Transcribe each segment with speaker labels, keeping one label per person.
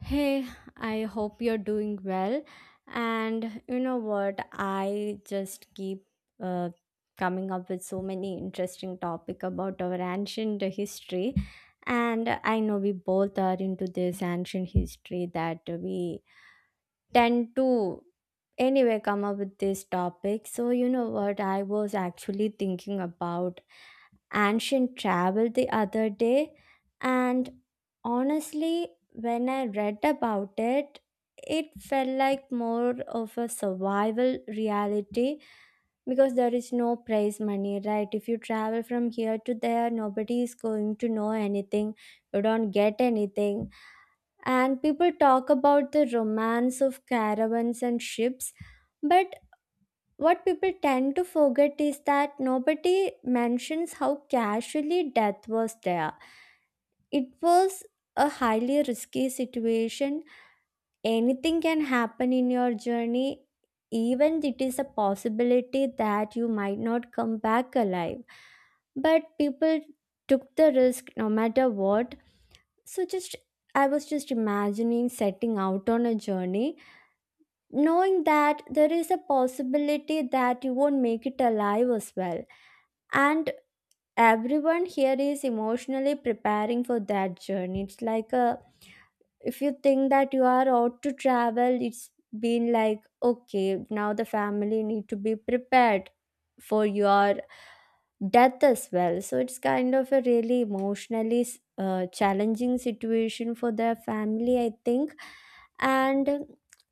Speaker 1: Hey, I hope you're doing well. And you know what? I just keep uh, coming up with so many interesting topic about our ancient history. And I know we both are into this ancient history that we tend to anyway come up with this topic. So you know what? I was actually thinking about ancient travel the other day, and honestly, when I read about it, it felt like more of a survival reality because there is no prize money, right? If you travel from here to there, nobody is going to know anything, you don't get anything. And people talk about the romance of caravans and ships, but what people tend to forget is that nobody mentions how casually death was there. It was a highly risky situation. Anything can happen in your journey, even it is a possibility that you might not come back alive. But people took the risk no matter what. So just I was just imagining setting out on a journey knowing that there is a possibility that you won't make it alive as well, and everyone here is emotionally preparing for that journey. It's like a if you think that you are out to travel, it's been like okay, now the family need to be prepared for your death as well. So it's kind of a really emotionally challenging situation for their family, I think. And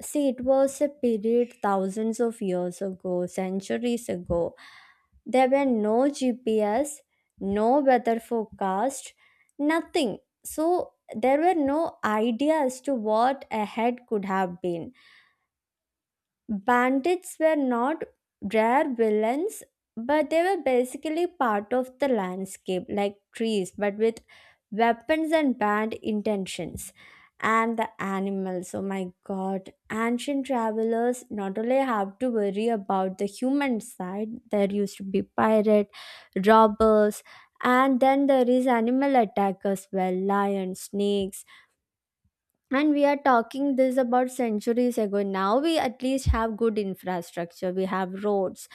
Speaker 1: see, it was a period thousands of years ago, centuries ago. There were no GPS, no weather forecast, nothing. So there were no idea as to what ahead could have been. Bandits were not rare villains, but they were basically part of the landscape, like trees, but with weapons and bad intentions. And the animals, oh my God. Ancient travelers not only have to worry about the human side, there used to be pirate robbers, and then there is animal attack as well, lions, snakes. And we are talking this about centuries ago. Now we at least have good infrastructure, we have roads,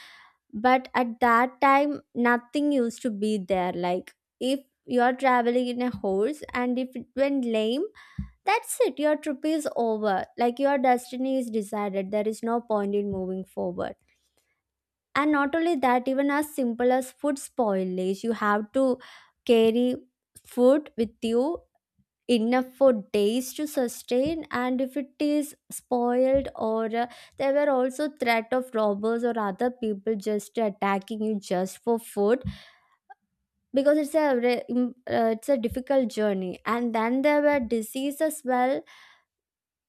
Speaker 1: but at that time nothing used to be there. Like if you are traveling in a horse and if it went lame, that's it, your trip is over, like your destiny is decided, there is no point in moving forward. And not only that, even as simple as food spoilage, you have to carry food with you enough for days to sustain. And if it is spoiled or there were also threat of robbers or other people just attacking you just for food, because it's a it's a difficult journey. And then there were disease as well.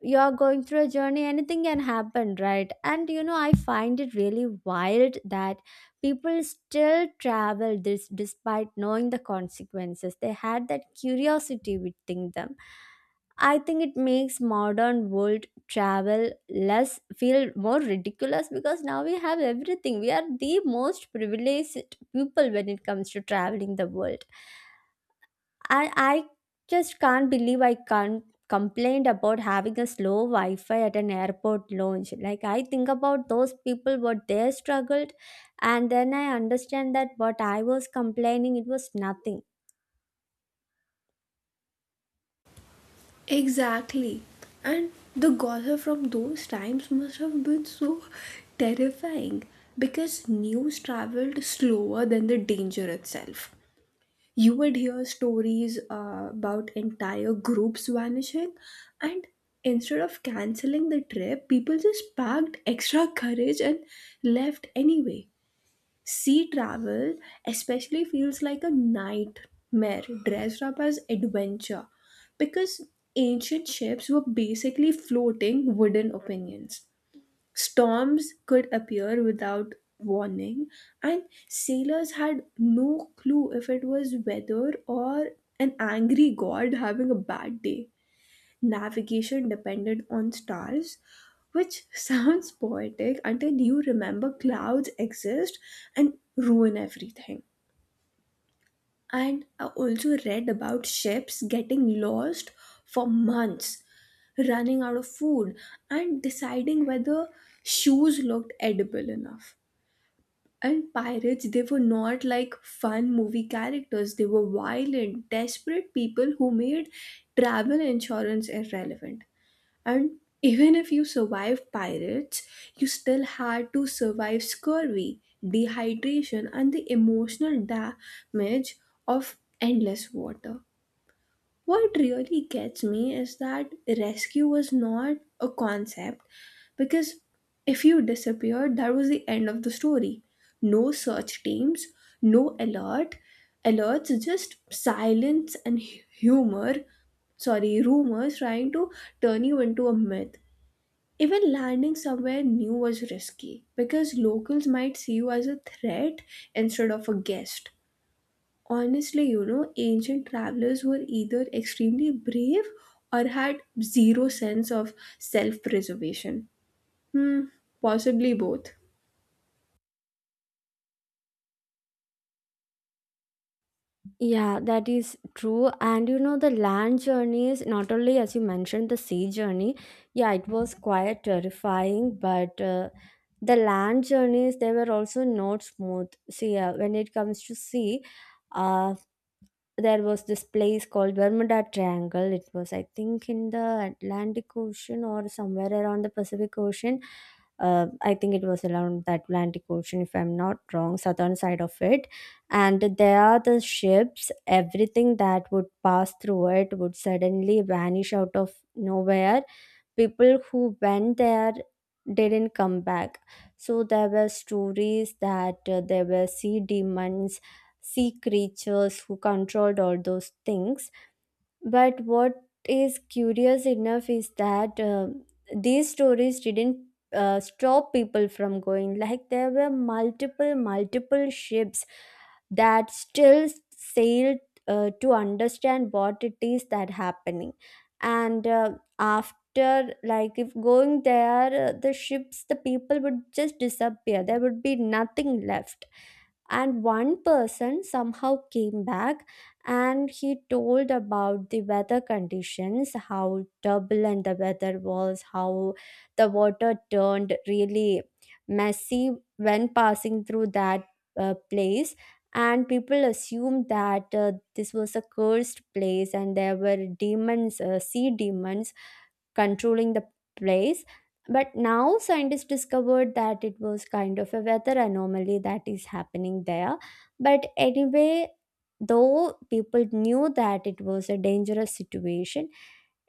Speaker 1: You're going through a journey, anything can happen, right? And you know, I find it really wild that people still travel this despite knowing the consequences, they had that curiosity within them. I think it makes modern world travel less, feel more ridiculous, because now we have everything, we are the most privileged people when it comes to traveling the world. And I just can't believe I can't complain about having a slow Wi-Fi at an airport lounge. Like I think about those people, what they struggled, and then I understand that what I was complaining, it was nothing.
Speaker 2: Exactly. And the Gotha from those times must have been so terrifying because news traveled slower than the danger itself. You would hear stories about entire groups vanishing, and instead of canceling the trip, people just packed extra courage and left anyway. Sea travel especially feels like a nightmare dressed up as adventure because ancient ships were basically floating wooden opinions. Storms could appear without warning, and sailors had no clue if it was weather or an angry god having a bad day. Navigation depended on stars, which sounds poetic until you remember clouds exist and ruin everything. And I also read about ships getting lost for months, running out of food, and deciding whether shoes looked edible enough. And pirates, they were not like fun movie characters. They were violent, desperate people who made travel insurance irrelevant. And even if you survived pirates, you still had to survive scurvy, dehydration, and the emotional damage of endless water. What really gets me is that rescue was not a concept because if you disappeared, that was the end of the story. No search teams, no alerts, just silence and hu- humor sorry rumors trying to turn you into a myth. Even landing somewhere new was risky because locals might see you as a threat instead of a guest. Honestly, ancient travelers were either extremely brave or had zero sense of self preservation. Hmm, possibly both.
Speaker 1: Yeah, that is true. And you know, the land journey is not only as you mentioned the sea journey. Yeah, it was quite terrifying, but the land journeys they were also not smooth. See, when it comes to sea, uh, there was this place called Bermuda Triangle. It was, I think, in the Atlantic Ocean or somewhere around the Pacific Ocean. I think it was around the Atlantic Ocean, if I'm not wrong, southern side of it. And there are the ships, everything that would pass through it would suddenly vanish out of nowhere. People who went there didn't come back. So there were stories that there were sea demons, sea creatures who controlled all those things. But what is curious enough is that these stories didn't stop people from going. Like there were multiple, multiple ships that still sailed, to understand what it is that happening. And after, like, if going there, the ships, the people would just disappear. There would be nothing left, and one person somehow came back and he told about the weather conditions, how turbulent the weather was, how the water turned really messy when passing through that place. And people assumed that this was a cursed place and there were demons, sea demons controlling the place. But now scientists discovered that it was kind of a weather anomaly that is happening there. But anyway, though people knew that it was a dangerous situation,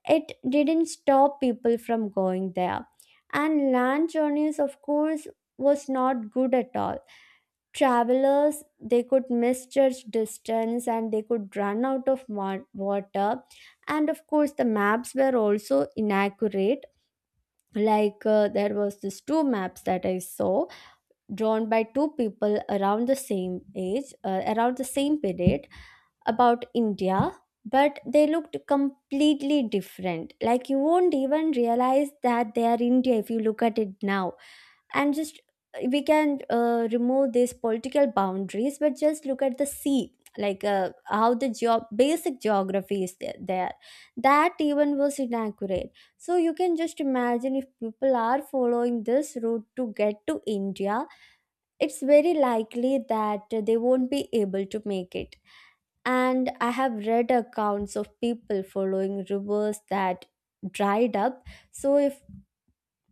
Speaker 1: it didn't stop people from going there. And land journeys, of course, was not good at all. Travelers, they could misjudge distance and they could run out of water. And of course the maps were also inaccurate, like there was this two maps that I saw, drawn by two people around the same age, around the same period, about India. But they looked completely different, like you won't even realize that they are India if you look at it now. And just, we can remove these political boundaries, but just look at the sea, like how the basic geography is there, that even was inaccurate. So you can just imagine, if people are following this route to get to India, it's very likely that they won't be able to make it. And I have read accounts of people following rivers that dried up. So if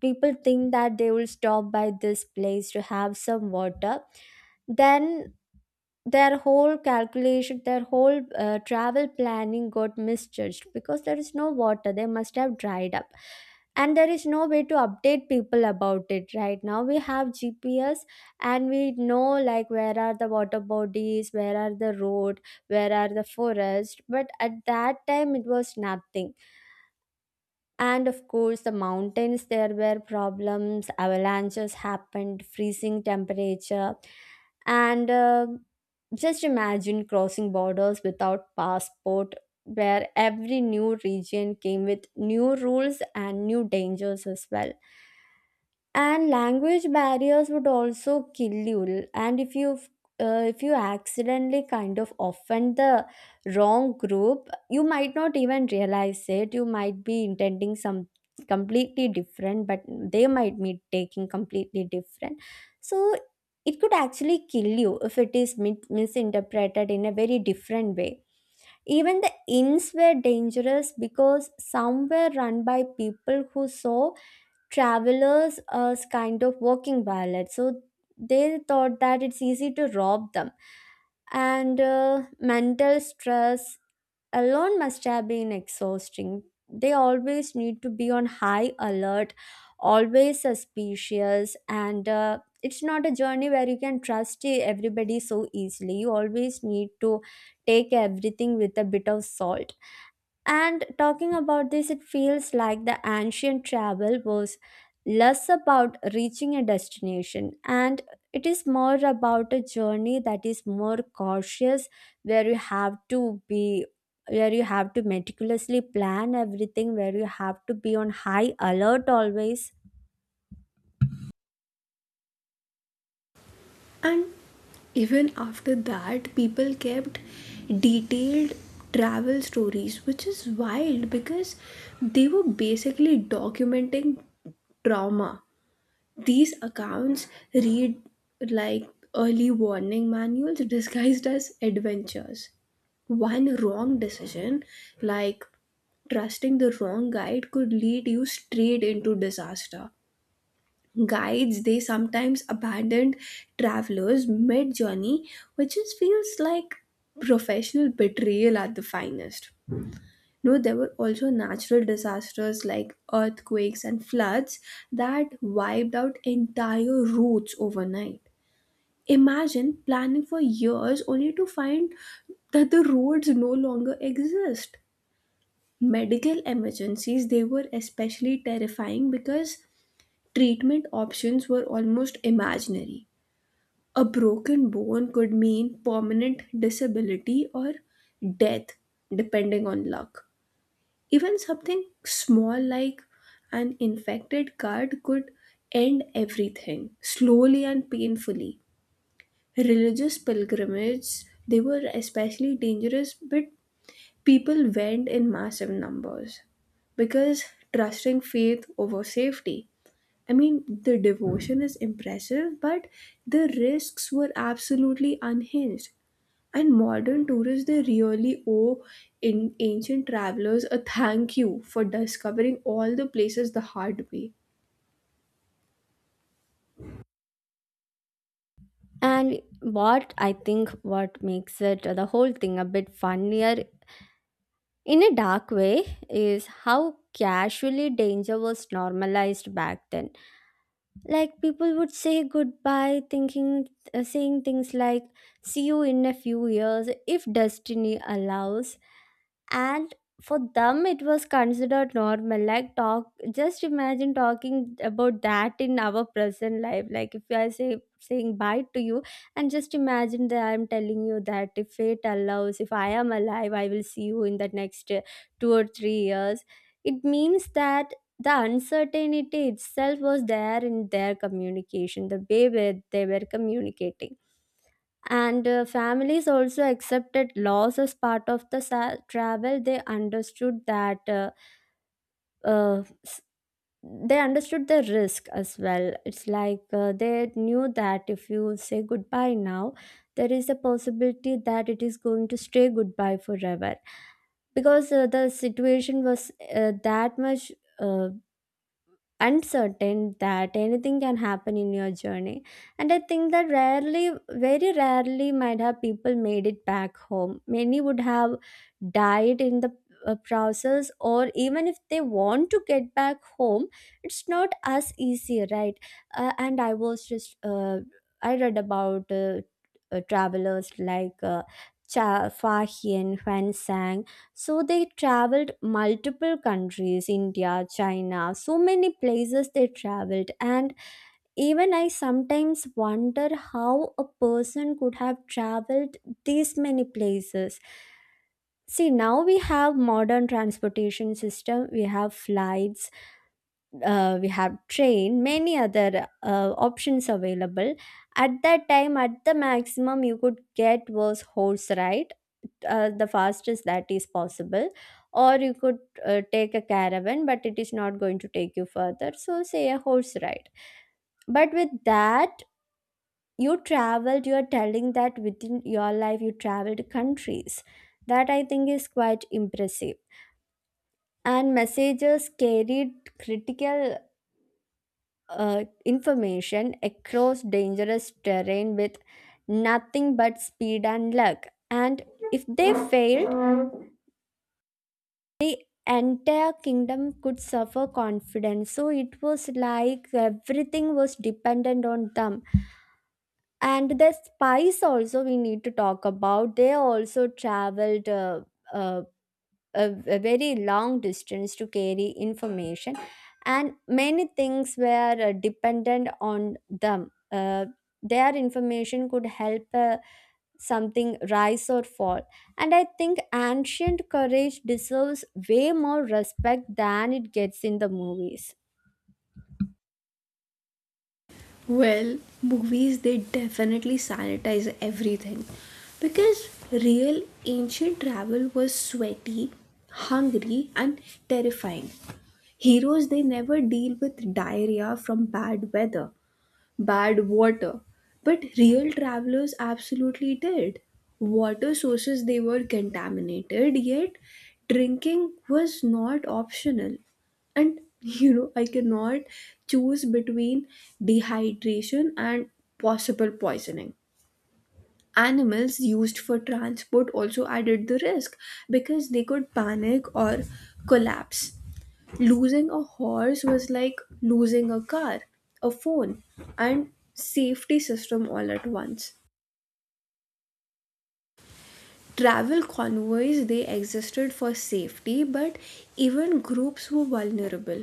Speaker 1: people think that they will stop by this place to have some water, then their whole calculation, their whole travel planning got misjudged, because there is no water, they must have dried up. And there is no way to update people about it. Right now we have GPS, and we know like where are the water bodies, where are the road, where are the forest, but at that time it was nothing. And of course the mountains, there were problems, avalanches happened, freezing temperature. And just imagine crossing borders without passport, where every new region came with new rules and new dangers as well. And language barriers would also kill you, and if you accidentally kind of offend the wrong group, you might not even realize it, you might be intending some completely different, but they might be taking completely different. So it could actually kill you if it is misinterpreted in a very different way. Even the inns were dangerous because some were run by people who saw travelers as kind of working violets. So they thought that it's easy to rob them. And mental stress alone must have been exhausting. They always need to be on high alert, always suspicious, and it's not a journey where you can trust everybody so easily. You always need to take everything with a bit of salt. And talking about this, it feels like the ancient travel was less about reaching a destination, and it is more about a journey that is more cautious, where you have to be, where you have to meticulously plan everything, where you have to be on high alert always.
Speaker 2: And even after that, people kept detailed travel stories, which is wild because they were basically documenting trauma. These accounts read like early warning manuals disguised as adventures. One wrong decision, like trusting the wrong guide, could lead you straight into disaster. Guides, they sometimes abandoned travelers mid journey, which just feels like professional betrayal at the finest. No, there were also natural disasters like earthquakes and floods that wiped out entire routes overnight. Imagine planning for years only to find that the roads no longer exist. Medical emergencies, they were especially terrifying because treatment options were almost imaginary. A broken bone could mean permanent disability or death, depending on luck. Even something small like an infected card could end everything slowly and painfully. Religious pilgrimages, they were especially dangerous, but people went in massive numbers because trusting faith over safety. I mean, the devotion is impressive, but the risks were absolutely unhinged. And modern tourists, they really owe in ancient travelers a thank you for discovering all the places the hard way.
Speaker 1: And what I think, what makes it the whole thing a bit funnier in a dark way, is how casually danger was normalized back then. Like people would say goodbye, thinking, saying things like, see you in a few years if destiny allows. And for them it was considered normal, like talk just imagine talking about that in our present life, like if I saying bye to you, and just imagine that I'm telling you that, if fate allows, if I am alive, I will see you in the next 2 or 3 years. It means that the uncertainty itself was there in their communication, the way where they were communicating. And families also accepted loss as part of the travel. They understood that uh, s- they understood the risk as well. It's like they knew that if you say goodbye now, there is a possibility that it is going to stay goodbye forever. Because the situation was that much uh, uncertain, that anything can happen in your journey. And I think that rarely, very rarely might have people made it back home, many would have died in the process, or even if they want to get back home, it's not as easy, right? And I was just I read about travelers like Cha Fa Hien, Huan Sang. So they traveled multiple countries, India, China, so many places they traveled. And even I sometimes wonder how a person could have traveled these many places. See, now we have modern transportation system, we have flights, we have train many other options available at that time at the maximum you could get was horse ride, the fastest that is possible, or you could take a caravan but it is not going to take you further so say a horse ride. But with that you traveled, you are telling that within your life you traveled countries. That I think is quite impressive. And messengers carried critical information across dangerous terrain with nothing but speed and luck. And if they failed, entire kingdom could suffer confidence. So it was like everything was dependent on them. And the spies also we need to talk about. They also traveled. Uh, a very long distance to carry information, and many things were dependent on them. Their information could help something rise or fall, and I think ancient courage deserves way more respect than it gets in the movies.
Speaker 2: Well, movies, they definitely sanitize everything. Because real ancient travel was sweaty, hungry, and terrifying. Heroes, they never deal with diarrhea from bad weather. Bad water. But real travelers absolutely did. Water sources they were contaminated, yet drinking was not optional. And I cannot choose between dehydration and possible poisoning. Animals used for transport also added the risk because they could panic or collapse. Losing a horse was like losing a car, a phone, and safety system all at once. Travel convoys they existed for safety, but even groups were vulnerable.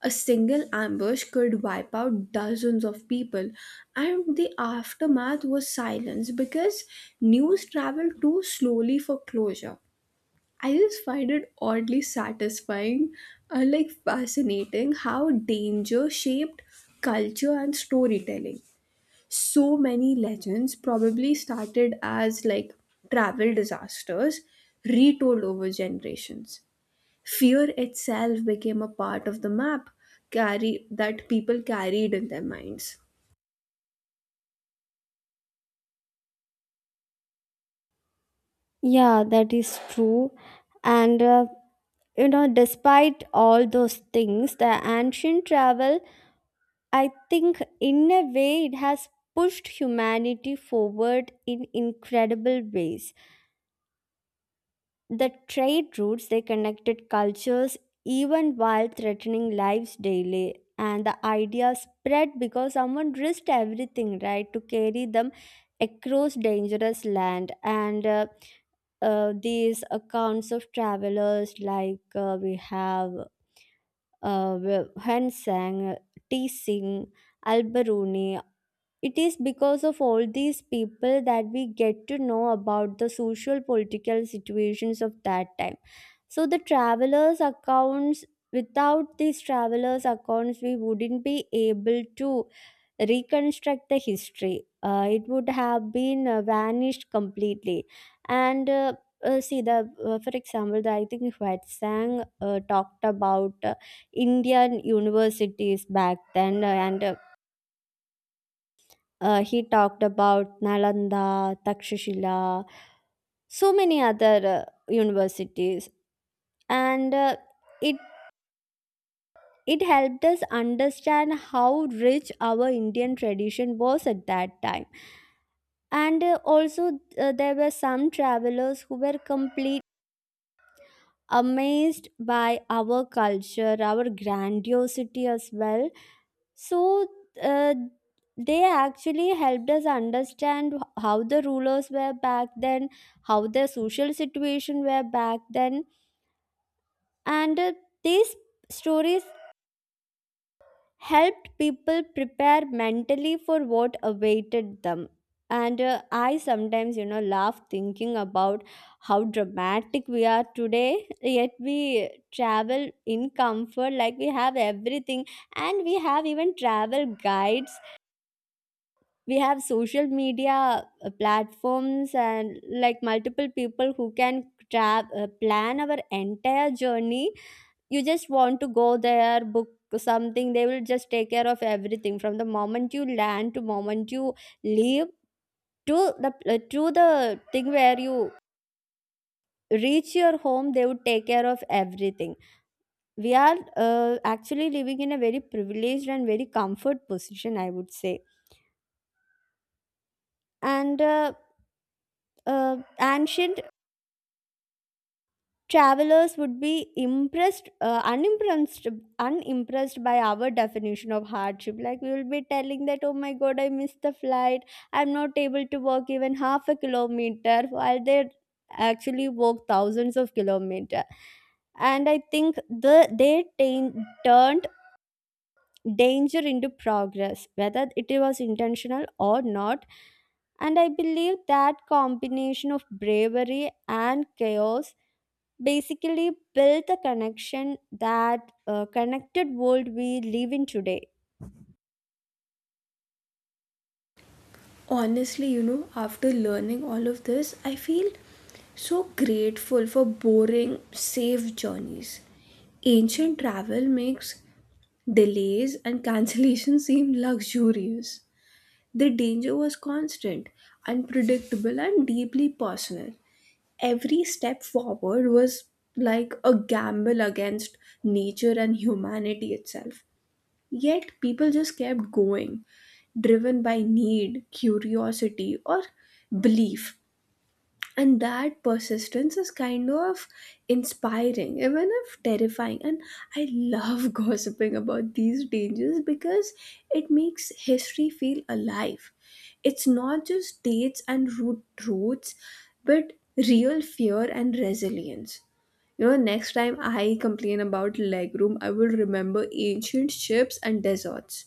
Speaker 2: A single ambush could wipe out dozens of people, and the aftermath was silence because news traveled too slowly for closure. I just find it oddly satisfying and like fascinating how danger shaped culture and storytelling. So many legends probably started as like travel disasters retold over generations. Fear itself became a part of the map carry that people carried in their minds.
Speaker 1: Yeah, that is true. And you know, despite all those things, the ancient travel I think, in a way, it has pushed humanity forward in incredible ways. The trade routes they connected cultures even while threatening lives daily, and the idea spread because someone risked everything, right, to carry them across dangerous land. And these accounts of travelers, like we have uh, Hen T. Singh, Alberoni, it is because of all these people that we get to know about the social political situations of that time. So the travelers' accounts, without these travelers' accounts, we wouldn't be able to reconstruct the history. It would have been vanished completely. And see the for example, I think Hwetsang talked about Indian universities back then, and he talked about Nalanda, Takshashila, so many other universities, and uh, it it helped us understand how rich our Indian tradition was at that time. And also, there were some travelers who were complete amazed by our culture, our grandiosity as well. So uh, they actually helped us understand how the rulers were back then, how the social situation were back then, and these stories helped people prepare mentally for what awaited them. And I sometimes, you know, laugh thinking about how dramatic we are today, yet we travel in comfort, like we have everything, and we have even travel guides, we have social media platforms and like multiple people who can plan our entire journey. You just want to go there, book something, they will just take care of everything from the moment you land to moment you leave, to to the thing where you reach your home, they would take care of everything. We are actually living in a very privileged and very comfort position, I would say. And ancient travelers would be impressed unimpressed unimpressed by our definition of hardship. Like we will be telling that oh my god, I missed the flight, I'm not able to walk even half a kilometer, while they actually walk thousands of kilometers. And I think turned danger into progress, whether it was intentional or not. And I believe that combination of bravery and chaos basically build the connection that connected world we live in today.
Speaker 2: Honestly, after learning all of this, I feel so grateful for boring, safe journeys. Ancient travel makes delays and cancellation seem luxurious. The danger was constant, unpredictable, and deeply personal. Every step forward was like a gamble against nature and humanity itself. Yet people just kept going, driven by need, curiosity, or belief, and that persistence is kind of inspiring even if terrifying. And I love gossiping about these dangers because it makes history feel alive. It's not just dates and roots, but real fear and resilience. You know, next time I complain about legroom I will remember ancient ships and deserts.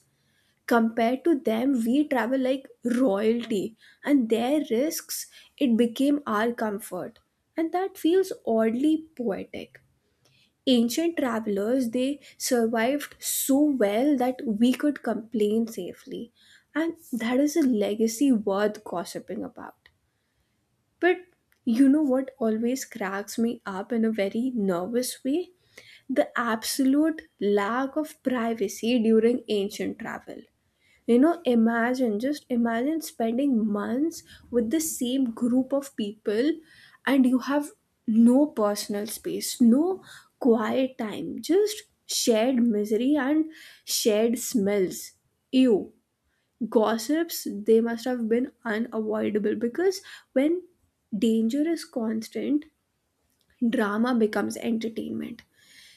Speaker 2: Compared to them we travel like royalty, and their risks, it became our comfort, and that feels oddly poetic. Ancient travelers, they survived so well that we could complain safely, and that is a legacy worth gossiping about. But you know what always cracks me up in a very nervous way? The absolute lack of privacy during ancient travel. You know, imagine, just imagine spending months with the same group of people and you have no personal space, no quiet time, just shared misery and shared smells. Ew. Gossips, they must have been unavoidable because when danger is constant, drama becomes entertainment.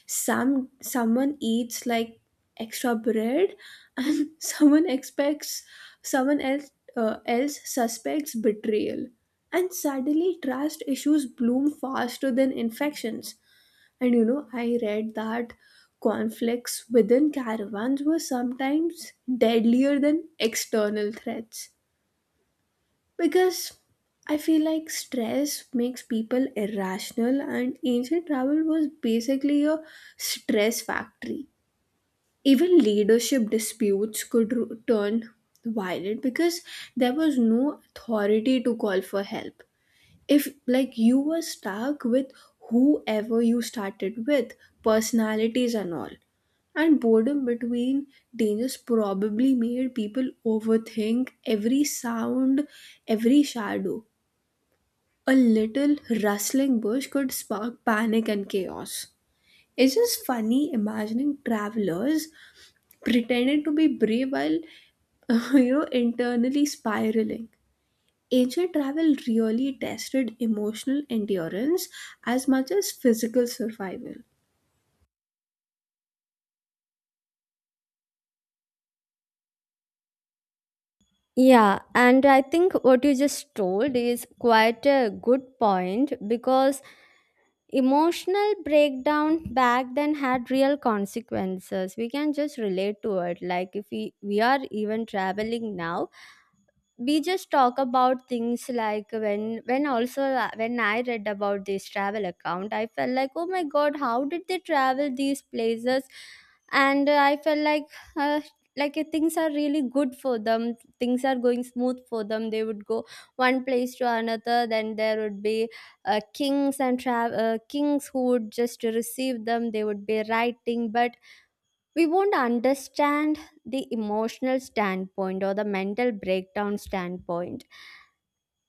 Speaker 2: Someone eats like extra bread and someone expects someone else else suspects betrayal, and suddenly trust issues bloom faster than infections. And you know, I read that conflicts within caravans were sometimes deadlier than external threats because I feel like stress makes people irrational, and ancient travel was basically a stress factory. Even leadership disputes could turn violent because there was no authority to call for help. If, like, you were stuck with whoever you started with, personalities and all. And boredom between dangers probably made people overthink every sound, every shadow. A little rustling bush could spark panic and chaos. It's just funny imagining travelers pretending to be brave while internally spiraling. Ancient travel really tested emotional endurance as much as physical survival.
Speaker 1: Yeah, and I think what you just told is quite a good point because emotional breakdown back then had real consequences. We can just relate to it. Like if we are even traveling now, we just talk about things like when also when I read about this travel account I felt like oh my god, how did they travel these places. And I felt like uh, things are really good for them, things are going smooth for them, they would go one place to another, then there would be kings and kings who would just receive them, they would be writing. But we won't understand the emotional standpoint or the mental breakdown standpoint.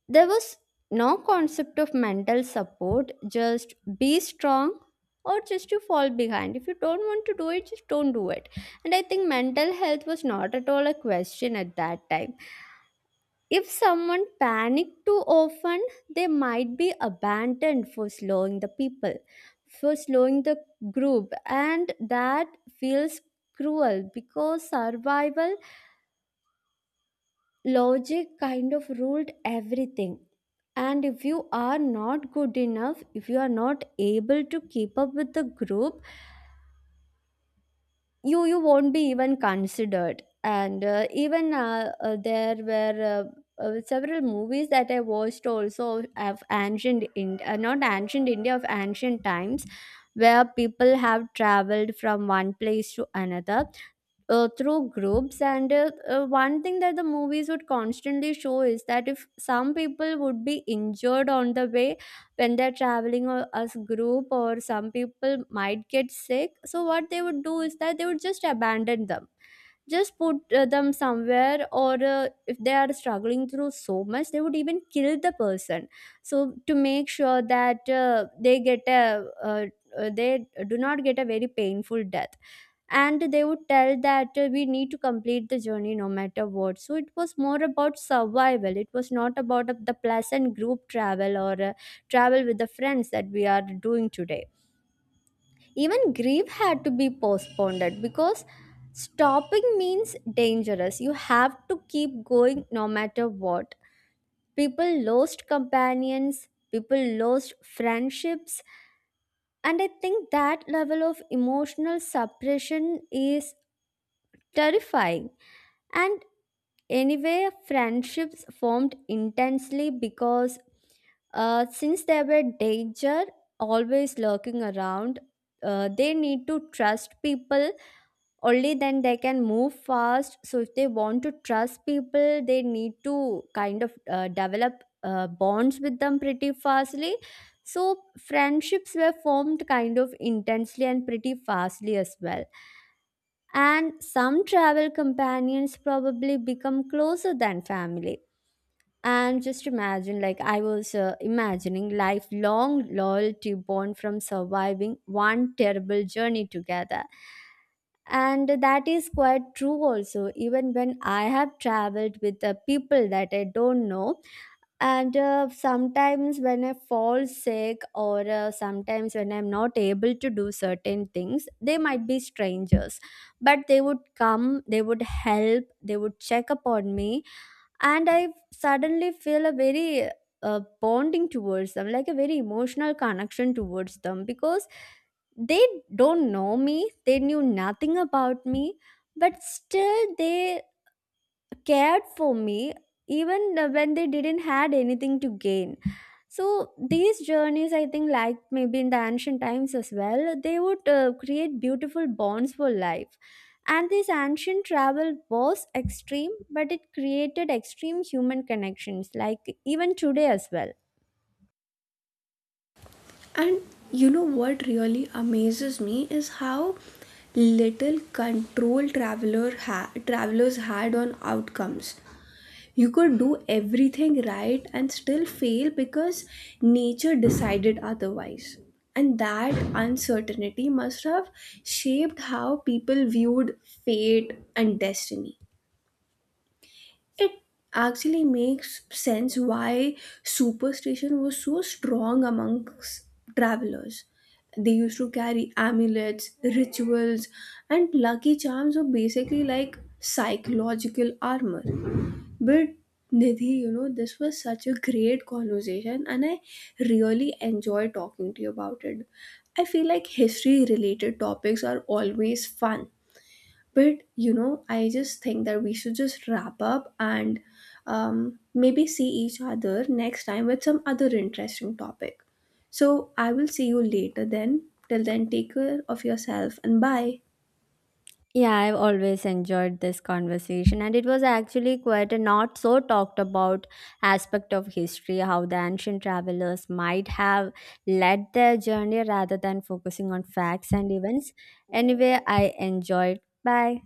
Speaker 1: There was no concept of mental support, just be strong or just you fall behind. If you don't want to do it, just don't do it. And I think mental health was not at all a question at that time. If someone panicked too often, they might be abandoned for slowing the people, for slowing the group, and that feels cruel because survival logic kind of ruled everything. And if you are not good enough, if you are not able to keep up with the group, you won't be even considered. And uh, even uh, uh, there were several movies that I watched also of ancient in not ancient india, of ancient times, where people have traveled from one place to another through groups. And one thing that the movies would constantly show is that if some people would be injured on the way when they're traveling or as group, or some people might get sick, so what they would do is that they would just abandon them, just put them somewhere, or if they are struggling through so much they would even kill the person, so to make sure that they get a they do not get a very painful death. And they would tell that we need to complete the journey no matter what. So it was more about survival, it was not about the pleasant group travel or travel with the friends that we are doing today. Even grief had to be postponed because stopping means dangerous, you have to keep going no matter what. People lost companions, people lost friendships, and I think that level of emotional suppression is terrifying. And anyway, friendships formed intensely because since there were danger always lurking around, they need to trust people. Only then they can move fast. So if they want to trust people, they need to kind of develop bonds with them pretty fastly. So friendships were formed kind of intensely and pretty fastly as well. And some travel companions probably become closer than family. And just imagine, like I was imagining, lifelong loyalty born from surviving one terrible journey together. And that is quite true also. Even when I have traveled with the people that I don't know, and sometimes when I fall sick or sometimes when I'm not able to do certain things, they might be strangers, but they would come, they would help, they would check upon me, and I suddenly feel a very bonding towards them, like a very emotional connection towards them, because they don't know me, they knew nothing about me, but still they cared for me, even when they didn't had anything to gain. So these journeys I think, like maybe in the ancient times as well, they would create beautiful bonds for life. And this ancient travel was extreme, but it created extreme human connections, like even today as well.
Speaker 2: And you know what really amazes me is how little control travelers had on outcomes. You could do everything right and still fail because nature decided otherwise. And that uncertainty must have shaped how people viewed fate and destiny. It actually makes sense why superstition was so strong amongst travelers. They used to carry amulets, rituals, and lucky charms were basically like psychological armor. But Nidhi, you know, this was such a great conversation and I really enjoy talking to you about it. I feel like history related topics are always fun. But, you know, I just think that we should just wrap up and maybe see each other next time with some other interesting topic. So I will see you later then. Till then, take care of yourself and bye.
Speaker 1: Yeah, I've always enjoyed this conversation, and it was actually quite a not so talked about aspect of history, how the ancient travelers might have led their journey rather than focusing on facts and events. Anyway, I enjoyed. Bye.